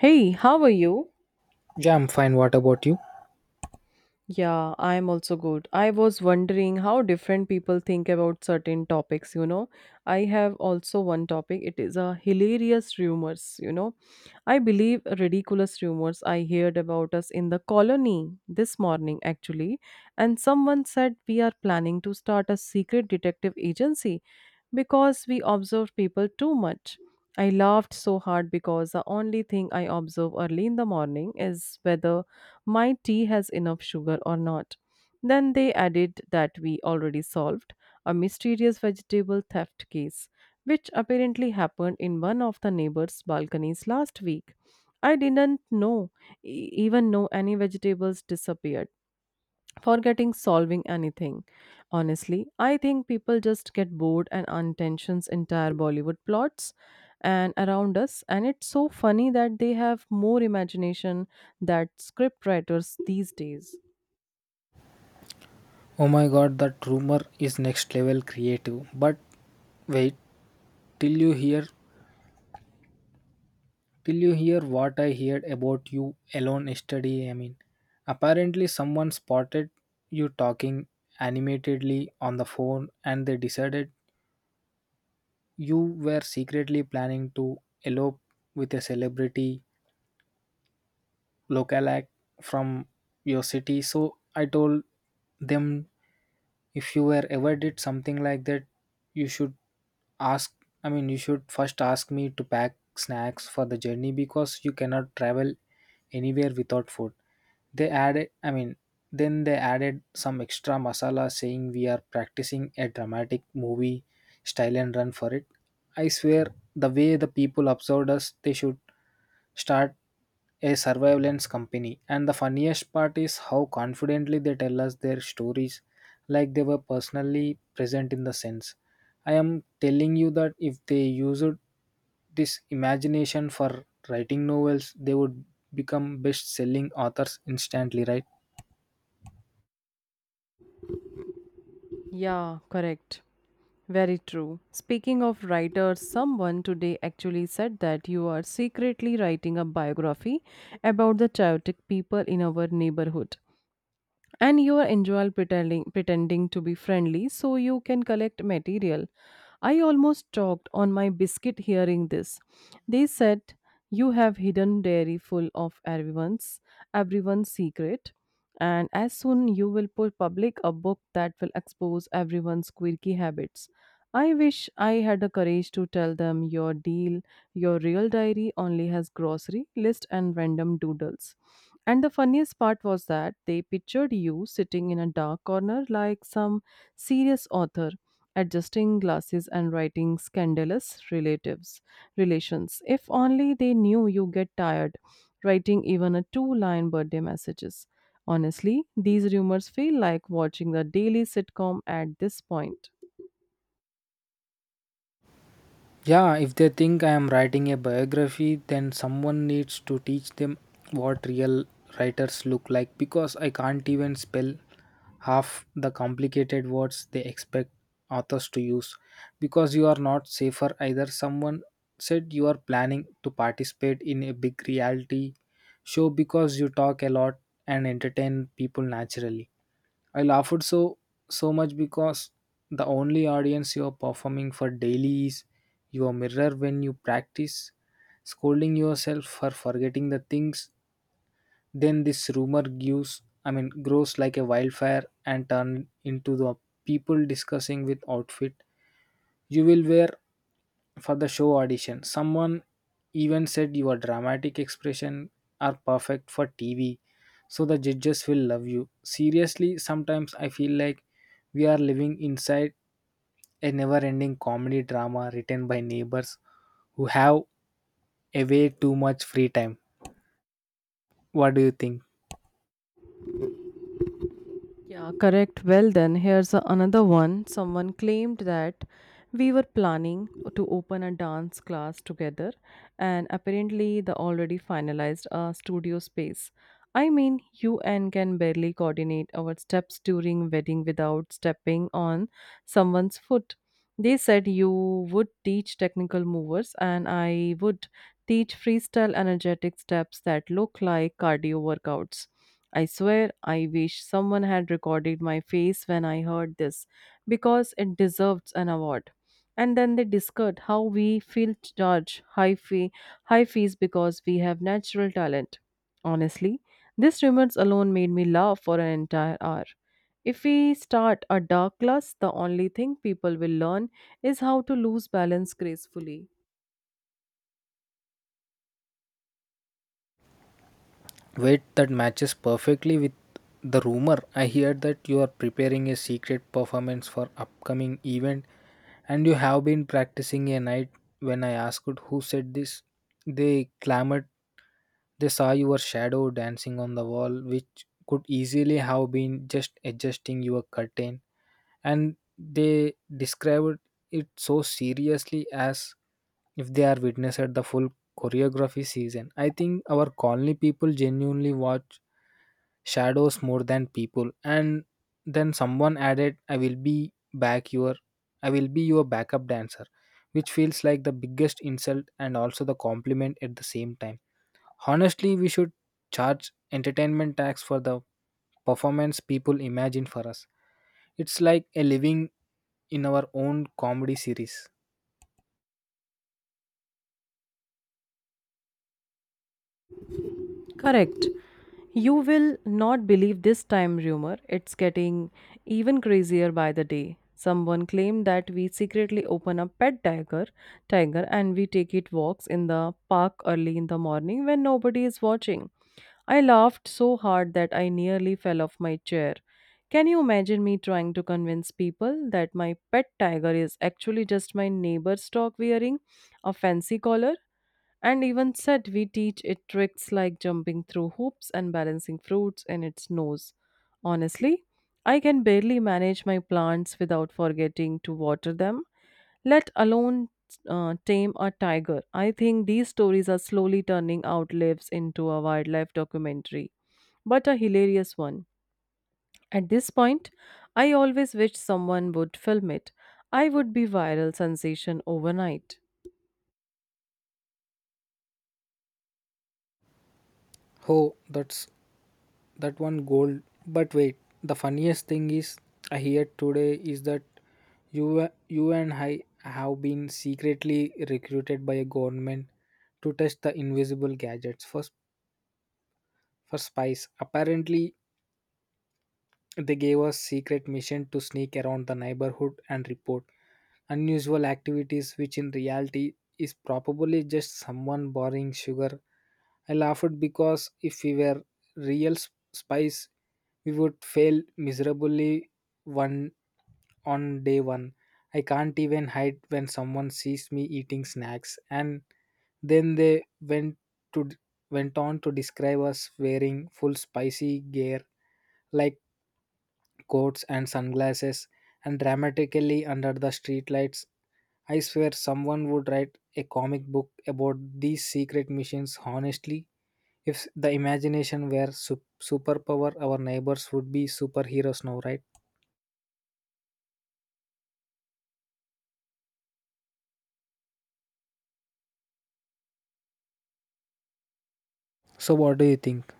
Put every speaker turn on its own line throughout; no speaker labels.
Hey, how are you?
Yeah, I'm fine. What about you?
Yeah, I'm also good. I was wondering how different people think about certain topics, I have also one topic. It is a hilarious rumors, I believe ridiculous rumors I heard about us in the colony this morning actually, and someone said we are planning to start a secret detective agency because we observe people too much. I laughed so hard because the only thing I observe early in the morning is whether my tea has enough sugar or not. Then they added that we already solved a mysterious vegetable theft case, which apparently happened in one of the neighbors' balconies last week. I didn't know e- even know any vegetables disappeared forgetting solving anything. Honestly, I think people just get bored and untensions entire Bollywood plots and around us, and it's so funny that they have more imagination that script writers these days.
Oh my god, that rumor is next level creative. But wait, till you hear till you hear what I heard about you alone yesterday, Apparently someone spotted you talking animatedly on the phone and they decided you were secretly planning to elope with a celebrity lookalike from your city. So I told them if you were ever did something like that, you should ask. I mean, you should first ask me to pack snacks for the journey because you cannot travel anywhere without food. They added, then they added some extra masala saying we are practicing a dramatic movie style and run for it. I swear the way the people observed us, they should start a surveillance company. And the funniest part is how confidently they tell us their stories, like they were personally present in the sense. I am telling you that if they used this imagination for writing novels, they would become best selling authors instantly, right?
Yeah, correct. Very true. Speaking of writers, someone today actually said that you are secretly writing a biography about the chaotic people in our neighborhood, and you are enjoy pretending to be friendly so you can collect material. I almost choked on my biscuit hearing this. They said you have hidden dairy full of everyone's secret, and as soon you will put public a book that will expose everyone's quirky habits. I wish I had the courage to tell them your real diary only has grocery list and random doodles. And the funniest part was that they pictured you sitting in a dark corner like some serious author, adjusting glasses and writing scandalous relatives relations. If only they knew you get tired writing even a two line birthday messages. Honestly, these rumors feel like watching the daily sitcom at this point.
Yeah, if they think I am writing a biography, then someone needs to teach them what real writers look like because I can't even spell half the complicated words they expect authors to use because you are not safer either. Someone said you are planning to participate in a big reality show because you talk a lot and entertain people naturally. I laughed so much because the only audience you are performing for daily is your mirror when you practice scolding yourself for forgetting the things. Then this rumor gives I mean grows like a wildfire and turn into the people discussing with outfit you will wear for the show audition. Someone even said your dramatic expression are perfect for TV, so the judges will love you. Seriously, sometimes I feel like we are living inside a never ending comedy drama written by neighbors who have a way too much free time. What do you think?
Yeah, correct. Well, then, here's another one. Someone claimed that we were planning to open a dance class together, and apparently, they already finalized a studio space. I mean, you and can barely coordinate our steps during wedding without stepping on someone's foot. They said you would teach technical movers, and I would teach freestyle energetic steps that look like cardio workouts. I swear I wish someone had recorded my face when I heard this because it deserves an award. And then they discussed how we feel judged high fees because we have natural talent. Honestly, this remarks alone made me laugh for an entire hour. If we start a dark class, the only thing people will learn is how to lose balance gracefully.
Wait, that matches perfectly with the rumor. I hear that you are preparing a secret performance for upcoming event. And you have been practicing a night when I asked who said this. They clamored. They saw your shadow dancing on the wall, which could easily have been just adjusting your curtain. And they described it so seriously as if they are witness at the full choreography season. I think our colony people genuinely watch shadows more than people. And then someone added, I will be your backup dancer, which feels like the biggest insult and also the compliment at the same time. Honestly, we should charge entertainment tax for the performance people imagine for us. It's like a living in our own comedy series.
Correct. You will not believe this time rumor. It's getting even crazier by the day. Someone claimed that we secretly open a tiger, and we take it walks in the park early in the morning when nobody is watching. I laughed so hard that I nearly fell off my chair. Can you imagine me trying to convince people that my pet tiger is actually just my neighbor's dog wearing a fancy collar? And even said we teach it tricks like jumping through hoops and balancing fruits in its nose. Honestly, I can barely manage my plants without forgetting to water them, let alone tame a tiger. I think these stories are slowly turning outlives into a wildlife documentary, but a hilarious one. At this point, I always wish someone would film it. I would be viral sensation overnight.
Oh, that's that one gold. But wait, the funniest thing is I hear today is that you and I have been secretly recruited by a government to test the invisible gadgets for spies. Apparently they gave us secret mission to sneak around the neighborhood and report unusual activities, which in reality is probably just someone borrowing sugar. I laughed because if we were real spies, we would fail miserably one on day one. I can't even hide when someone sees me eating snacks, and then they went to d- went on to describe us wearing full spicy gear like coats and sunglasses and dramatically under the streetlights. I swear someone would write a comic book about these secret missions. Honestly, if the imagination were superpower, our neighbors would be superheroes now, right? So what do you think?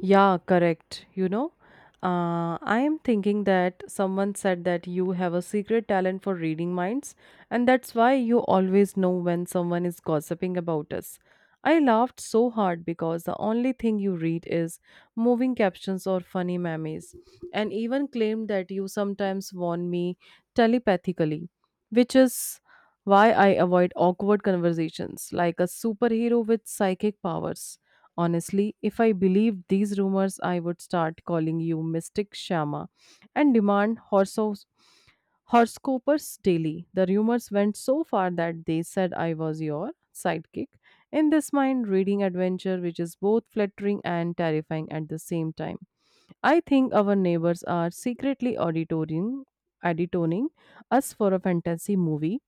Yeah, correct. I am thinking that someone said that you have a secret talent for reading minds, and that's why you always know when someone is gossiping about us. I laughed so hard because the only thing you read is moving captions or funny memes, and even claimed that you sometimes warn me telepathically, which is why I avoid awkward conversations like a superhero with psychic powers. Honestly, if I believed these rumors, I would start calling you Mystic Shama and demand horoscopers daily. The rumors went so far that they said I was your sidekick in this mind reading adventure, which is both flattering and terrifying at the same time. I think our neighbors are secretly auditoning us for a fantasy movie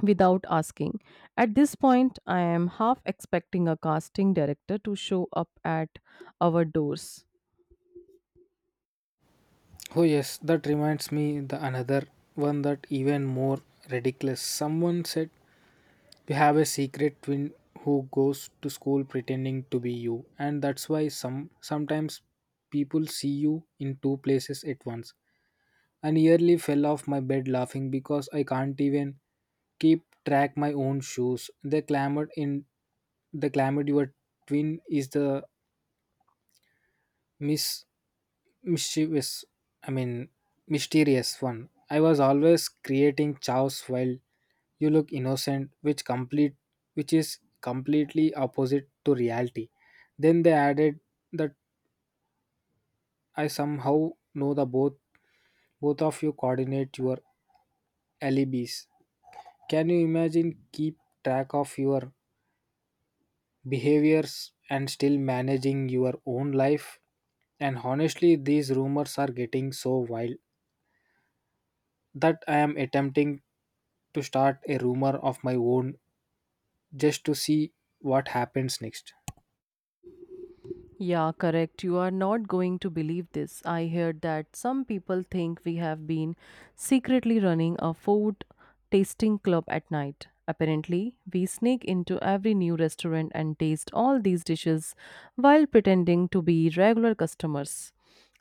without asking. At this point, I am half expecting a casting director to show up at our doors.
Oh yes, that reminds me the another one that even more ridiculous. Someone said you have a secret twin who goes to school pretending to be you, and that's why sometimes people see you in two places at once. I nearly fell off my bed laughing because I can't even keep track my own shoes. They clamored your twin is the Miss mischievous, I mean, mysterious one. I was always creating chaos while you look innocent, which is completely opposite to reality. Then they added that I somehow know both of you coordinate your alibis. Can you imagine keep track of your behaviors and still managing your own life? And honestly, these rumors are getting so wild that I am attempting to start a rumor of my own just to see what happens next.
Yeah, correct. You are not going to believe this. I heard that some people think we have been secretly running a food tasting club at night. Apparently, we sneak into every new restaurant and taste all these dishes while pretending to be regular customers.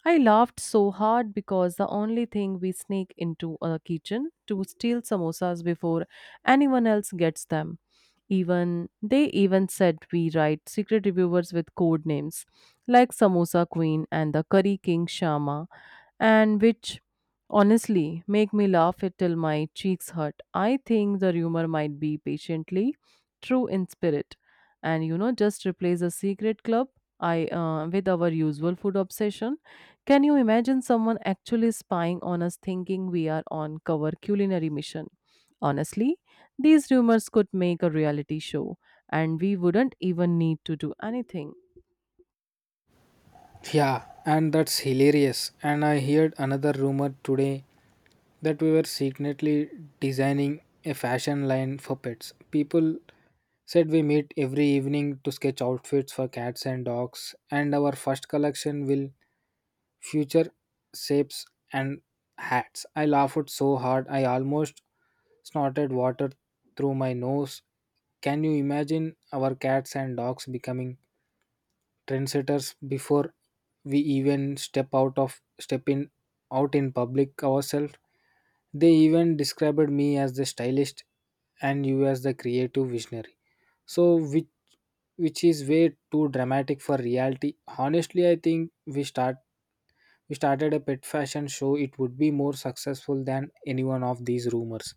I laughed so hard because the only thing we sneak into a kitchen to steal samosas before anyone else gets them. Even they even said we write secret reviewers with code names like Samosa Queen and the Curry King Shama, and which honestly make me laugh it till my cheeks hurt. I think the rumor might be patiently true in spirit, and just replace a secret club. I with our usual food obsession. Can you imagine someone actually spying on us thinking we are on cover culinary mission? Honestly, these rumors could make a reality show, and we wouldn't even need to do anything.
Yeah, and that's hilarious. And I heard another rumor today that we were secretly designing a fashion line for pets. People said we meet every evening to sketch outfits for cats and dogs, and our first collection will future shapes and hats. I laughed so hard I almost snorted water through my nose. Can you imagine our cats and dogs becoming trendsetters before we even step in out in public ourselves? They even described me as the stylist and you as the creative visionary. So which which is way too dramatic for reality. Honestly, I think we started a pet fashion show, it would be more successful than any one of these rumors.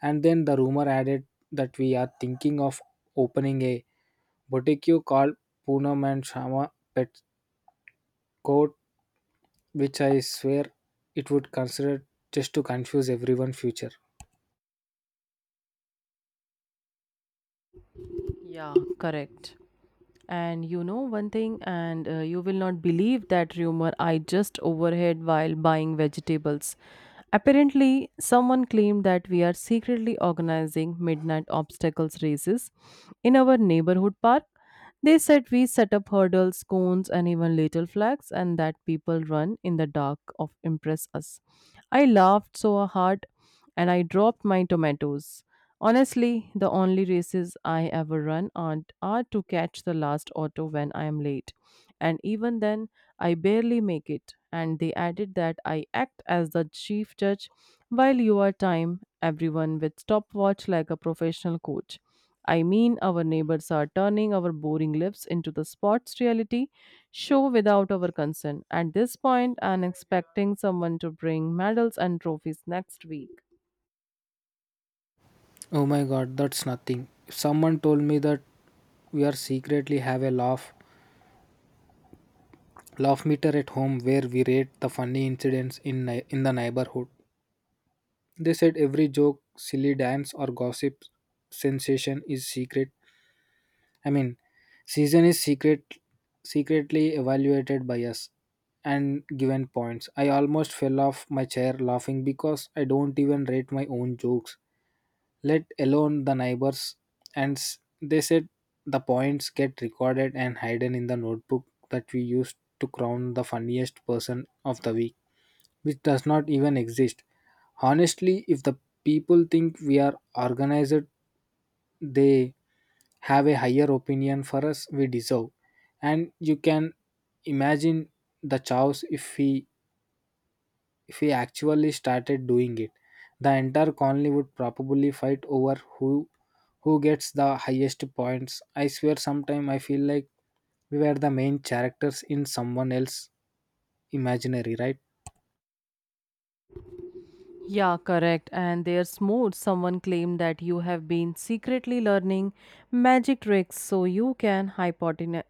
And then the rumor added that we are thinking of opening a boutique called Poonam and Shama Pet Court, which I swear it would consider just to confuse everyone future.
Yeah, correct. And you know one thing, and you will not believe that rumor I just overheard while buying vegetables. Apparently, someone claimed that we are secretly organizing midnight obstacles races in our neighborhood park. They said we set up hurdles, cones, and even little flags, and that people run in the dark of impress us. I laughed so hard and I dropped my tomatoes. Honestly, the only races I ever run aren't, are to catch the last auto when I am late. And even then, I barely make it. And they added that I act as the chief judge while you are time, everyone with stopwatch like a professional coach. I mean, our neighbors are turning our boring lives into the sports reality show without our consent. At this point, I'm expecting someone to bring medals and trophies next week.
Oh my god, that's nothing. If someone told me that we are secretly have a laugh meter at home where we rate the funny incidents in in the neighborhood. They said every joke, silly dance, or gossip sensation is secret I mean, season is secretly evaluated by us and given points. I almost fell off my chair laughing because I don't even rate my own jokes, let alone the neighbors. And they said the points get recorded and hidden in the notebook that we used to crown the funniest person of the week, which does not even exist. Honestly, if the people think we are organized, they have a higher opinion for us we deserve. And you can imagine the chaos if we actually started doing it. The entire colony would probably fight over who gets the highest points. I swear sometime I feel like we were the main characters in someone else's imaginary, right?
Yeah, correct. And there's more. Someone claimed that you have been secretly learning magic tricks so you can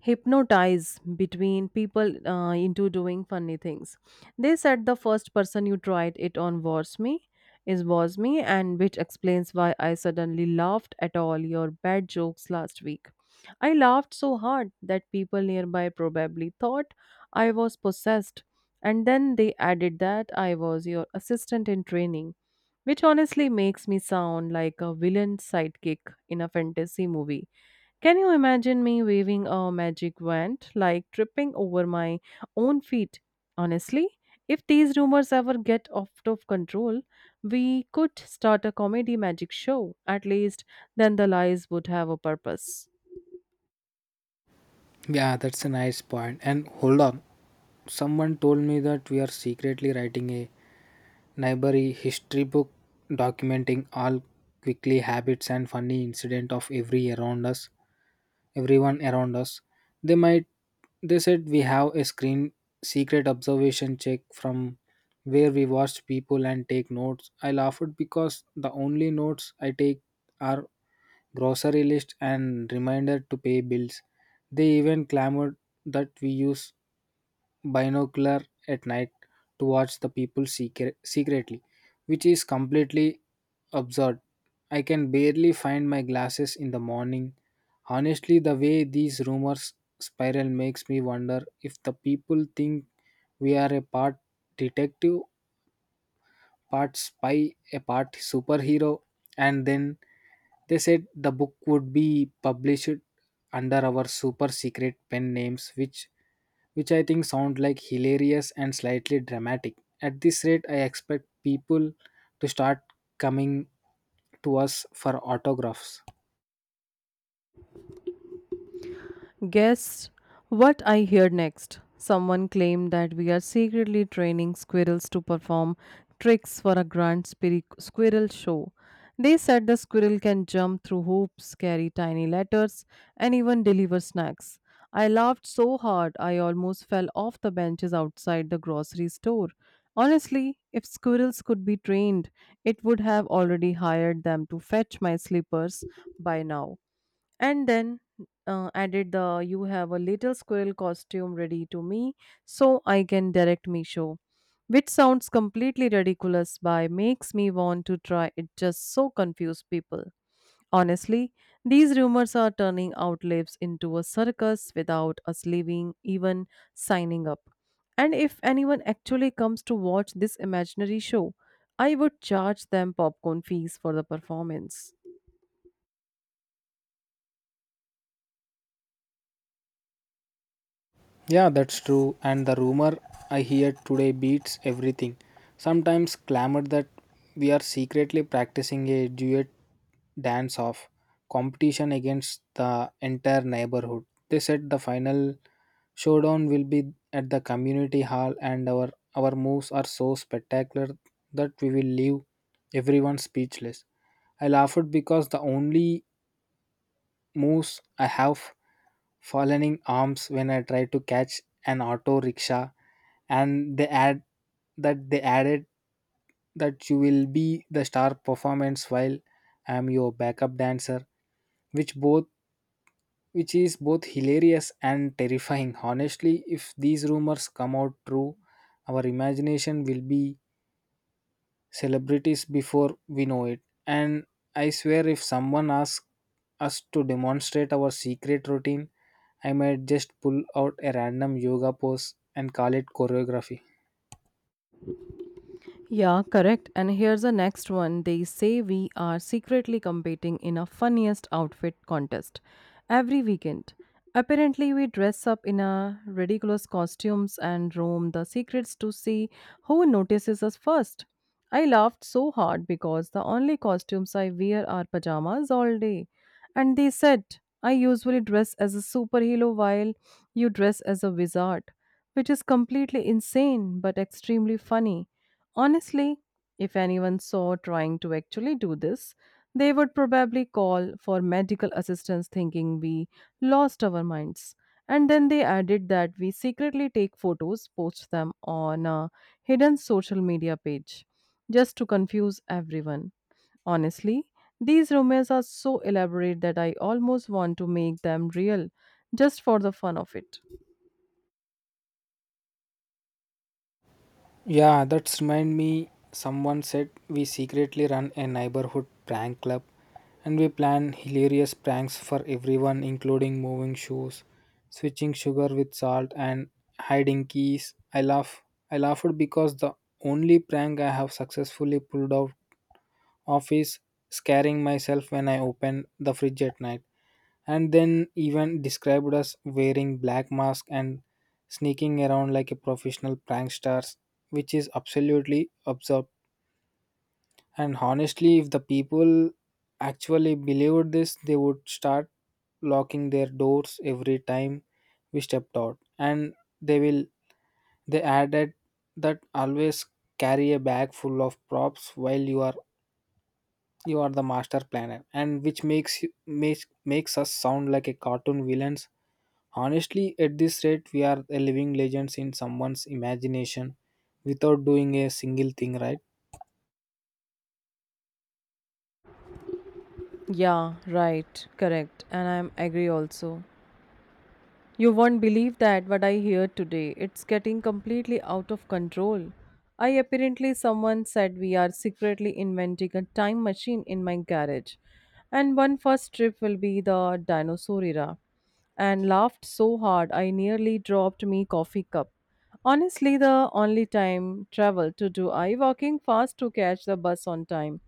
hypnotize between people into doing funny things. They said the first person you tried it on was me, is was me, and which explains why I suddenly laughed at all your bad jokes last week. I laughed so hard that people nearby probably thought I was possessed, and then they added that I was your assistant in training, which honestly makes me sound like a villain sidekick in a fantasy movie. Can you imagine me waving a magic wand, like tripping over my own feet? Honestly, if these rumors ever get out of control, we could start a comedy magic show. At least then the lies would have a purpose.
Yeah, that's a nice point. And hold on, someone told me that we are secretly writing a Library history book documenting all quickly habits and funny incident of everyone around us. They might they said we have a screen secret observation check from where we watch people and take notes. I laughed because the only notes I take are grocery list and reminder to pay bills. They even clamored that we use binocular at night to watch the people secretly, which is completely absurd. I can barely find my glasses in the morning. Honestly, the way these rumors spiral makes me wonder if the people think we are a part detective, part spy, a part superhero. And then they said the book would be published under our super secret pen names, which I think sound like hilarious and slightly dramatic. At this rate, I expect people to start coming to us for autographs.
Guess what I hear next? Someone claimed that we are secretly training squirrels to perform tricks for a grand squirrel show. They said the squirrel can jump through hoops, carry tiny letters, and even deliver snacks. I laughed so hard I almost fell off the benches outside the grocery store. Honestly, if squirrels could be trained, it would have already hired them to fetch my slippers by now. And then added the you have a little squirrel costume ready to me so I can direct me show. Which sounds completely ridiculous by makes me want to try it just so confuse people. Honestly, these rumors are turning out lives into a circus without us leaving even signing up. And if anyone actually comes to watch this imaginary show, I would charge them popcorn fees for the performance.
Yeah, that's true. And the rumor I hear today beats everything. Sometimes clamored that we are secretly practicing a duet dance off competition against the entire neighborhood. They said the final showdown will be at the community hall and our moves are so spectacular that we will leave everyone speechless. I laughed because the only moves I have falling arms when I tried to catch an auto rickshaw, and they added that you will be the star performance while I am your backup dancer, which both which is both hilarious and terrifying. Honestly, if these rumors come out true, our imagination will be celebrities before we know it. And I swear, if someone asks us to demonstrate our secret routine, I might just pull out a random yoga pose and call it choreography.
Yeah, correct. And here's the next one. They say we are secretly competing in a funniest outfit contest every weekend. Apparently, we dress up in a ridiculous costumes and roam the secrets to see who notices us first. I laughed so hard because the only costumes I wear are pajamas all day. And they said, I usually dress as a superhero while you dress as a wizard, which is completely insane but extremely funny. Honestly, if anyone saw trying to actually do this, they would probably call for medical assistance thinking we lost our minds. And then they added that we secretly take photos, post them on a hidden social media page, just to confuse everyone. Honestly, these rumors are so elaborate that I almost want to make them real just for the fun of it.
Yeah, that's remind me someone said we secretly run a neighborhood prank club and we plan hilarious pranks for everyone including moving shoes, switching sugar with salt and hiding keys. I laughed because the only prank I have successfully pulled out of is scaring myself when I open the fridge at night. And then even described as wearing black mask and sneaking around like a professional pranksters, which is absolutely absurd. And honestly if the people actually believed this they would start locking their doors every time we stepped out. And they will they added that always carry a bag full of props while you are the master planner and which makes you makes makes us sound like a cartoon villains. Honestly, at this rate, we are a living legends in someone's imagination without doing a single thing right.
Yeah, right, correct, and I'm agree also. You won't believe that what I hear today. It's getting completely out of control. I apparently someone said we are secretly inventing a time machine in my garage. And one first trip will be the dinosaur era. And laughed so hard I nearly dropped me coffee cup. Honestly the only time travel to do I walking fast to catch the bus on time.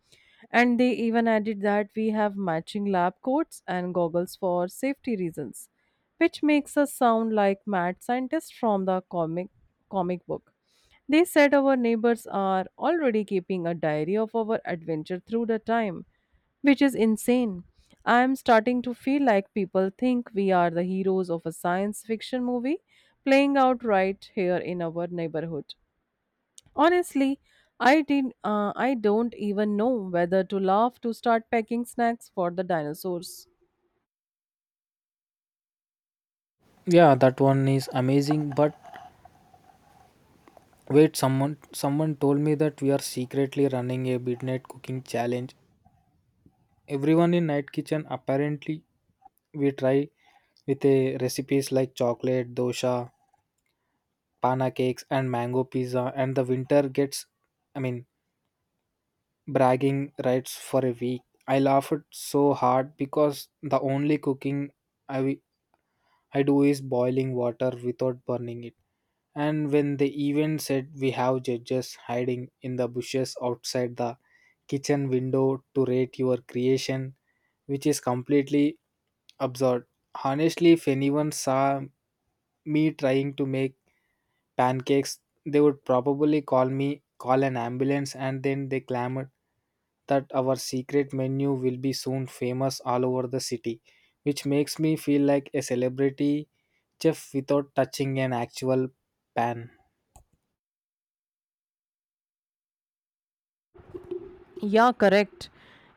And they even added that we have matching lab coats and goggles for safety reasons, which makes us sound like mad scientists from the comic book. They said our neighbors are already keeping a diary of our adventure through the time, which is insane. I am starting to feel like people think we are the heroes of a science fiction movie playing out right here in our neighborhood. Honestly, I don't even know whether to laugh to start packing snacks for the dinosaurs.
Yeah, that one is amazing. But wait, someone told me that we are secretly running a midnight cooking challenge. Everyone in night kitchen apparently we try with a recipes like chocolate dosha, pana cakes, and mango pizza, and the winter gets, I mean, bragging rights for a week. I laughed so hard because the only cooking I I do is boiling water without burning it. And when the event said we have judges hiding in the bushes outside the kitchen window to rate your creation, which is completely absurd. Honestly, if anyone saw me trying to make pancakes, they would probably call me, call an ambulance, and then they clamored that our secret menu will be soon famous all over the city, which makes me feel like a celebrity chef without touching an actual pan.
Yeah, correct.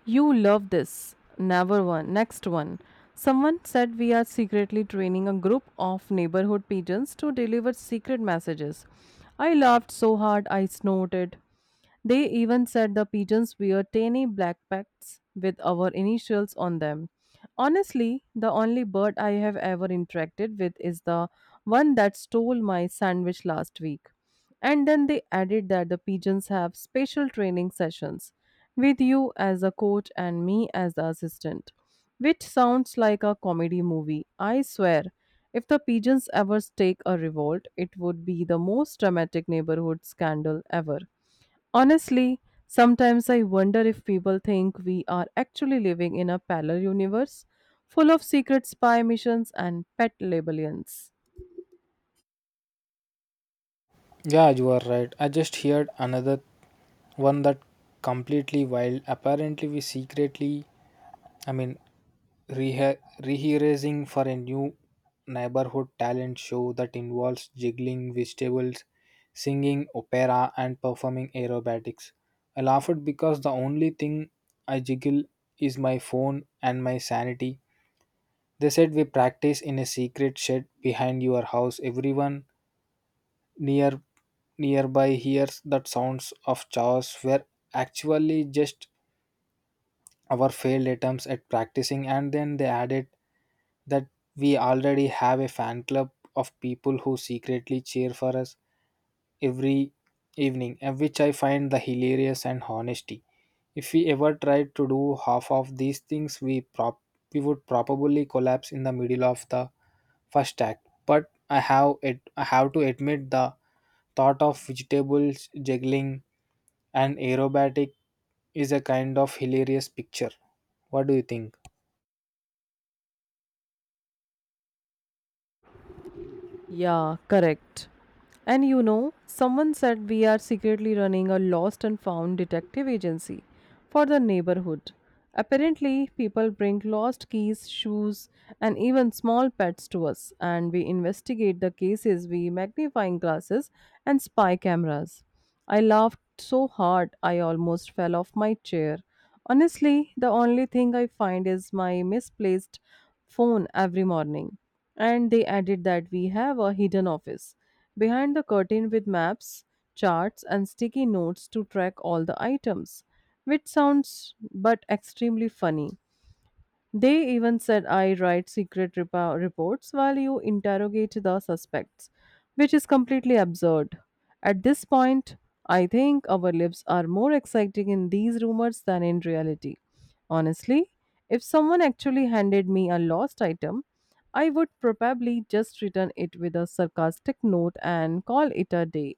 You love this. Never one. Next one. Someone said we are secretly training a group of neighborhood pigeons to deliver secret messages. I laughed so hard I snorted. They even said the pigeons wear tiny black packs with our initials on them. Honestly, the only bird I have ever interacted with is the one that stole my sandwich last week. And then they added that the pigeons have special training sessions with you as a coach and me as the assistant, which sounds like a comedy movie. I swear, if the pigeons ever stake a revolt, it would be the most dramatic neighborhood scandal ever. Honestly, sometimes I wonder if people think we are actually living in a parallel universe full of secret spy missions and pet labellions.
Yeah, you are right. I just heard another one that completely wild. Apparently, we secretly, I mean, rehearsing for a new neighborhood talent show that involves juggling vegetables, singing opera, and performing aerobatics. I laughed because the only thing I jiggle is my phone and my sanity. They said we practice in a secret shed behind your house. Everyone near nearby hears that sounds of chaos were actually just our failed attempts at practicing, and then they added that we already have a fan club of people who secretly cheer for us every evening, and which I find the hilarious and honesty. If we ever tried to do half of these things, we would probably collapse in the middle of the first act. But I have to admit the thought of vegetables juggling and aerobatic is a kind of hilarious picture. What do you think?
Yeah, correct. And you know, someone said we are secretly running a lost and found detective agency for the neighborhood. Apparently, people bring lost keys, shoes, and even small pets to us, and we investigate the cases with magnifying glasses and spy cameras. I laughed so hard I almost fell off my chair. Honestly, the only thing I find is my misplaced phone every morning. And they added that we have a hidden office behind the curtain with maps, charts, and sticky notes to track all the items, which sounds but extremely funny. They even said I write secret repo- reports while you interrogate the suspects, which is completely absurd. At this point, I think our lives are more exciting in these rumors than in reality. Honestly, if someone actually handed me a lost item, I would probably just return it with a sarcastic note and call it a day.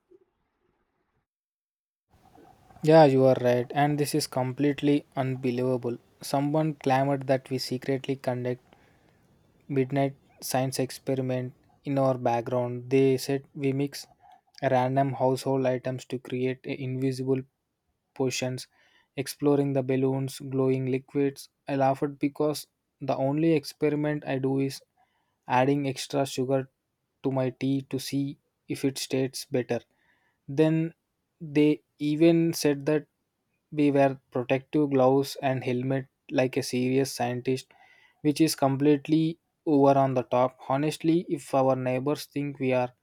Yeah, you are right, and this is completely unbelievable. Someone clamored that we secretly conduct midnight science experiment in our background. They said we mix random household items to create invisible potions, exploring the balloons, glowing liquids. I laughed because the only experiment I do is adding extra sugar to my tea to see if it tastes better. Then they even said that we wear protective gloves and helmet like a serious scientist, which is completely over on the top. Honestly, if our neighbors think we are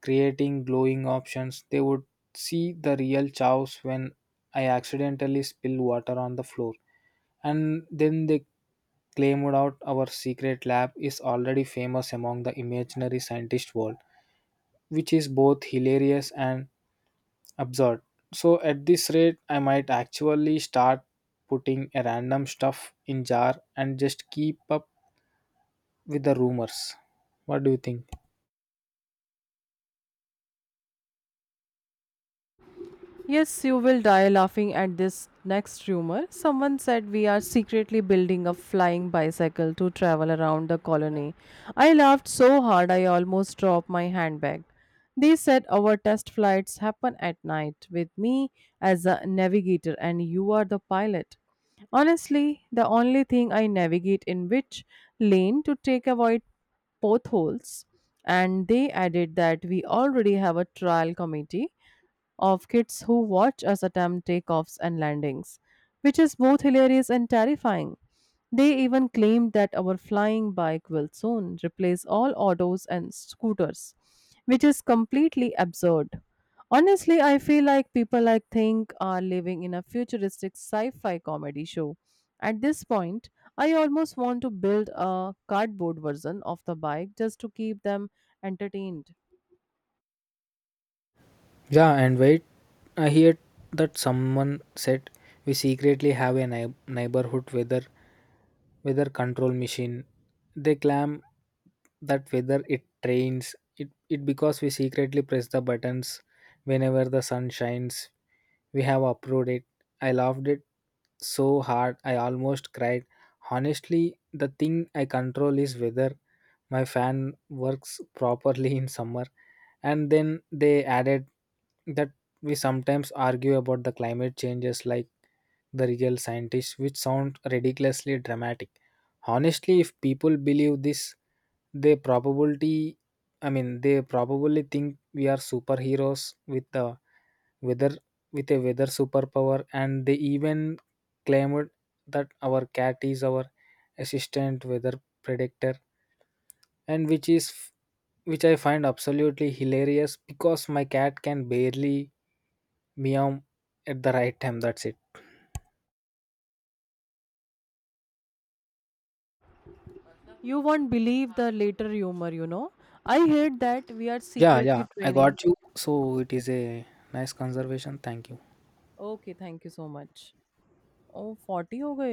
creating glowing options, they would see the real chows when I accidentally spill water on the floor. And then they claimed out our secret lab is already famous among the imaginary scientist world, which is both hilarious and absurd. So at this rate, I might actually start putting a random stuff in jar and just keep up with the rumors. What do you think?
Yes, you will die laughing at this next rumor. Someone said we are secretly building a flying bicycle to travel around the colony. I laughed so hard I almost dropped my handbag. They said our test flights happen at night with me as a navigator and you are the pilot. Honestly, the only thing I navigate in which lane to take avoid potholes, and they added that we already have a trial committee of kids who watch us attempt takeoffs and landings, which is both hilarious and terrifying. They even claimed that our flying bike will soon replace all autos and scooters, which is completely absurd. Honestly, I feel like people I think are living in a futuristic sci fi comedy show. At this point, I almost want to build a cardboard version of the bike just to keep them entertained.
Yeah, and wait, I heard that someone said we secretly have a neighborhood weather control machine. They claim that whether it trains it because we secretly press the buttons whenever the sun shines. We have approved it. I loved it so hard I almost cried. Honestly, the thing I control is whether my fan works properly in summer, and then they added that we sometimes argue about the climate changes like the real scientists, which sound ridiculously dramatic. Honestly, if people believe this, they probably, I mean, they probably think we are superheroes with the weather with a weather superpower. And they even claimed that our cat is our assistant weather predictor, and which I find absolutely hilarious because my cat can barely meow at the right time. That's it.
You won't believe the later humor, you know. I hate that we are
Yeah,
secretly
yeah, I
training.
got you. So it is a nice conservation. Thank you.
Okay, thank you so much. ओह 40 हो गए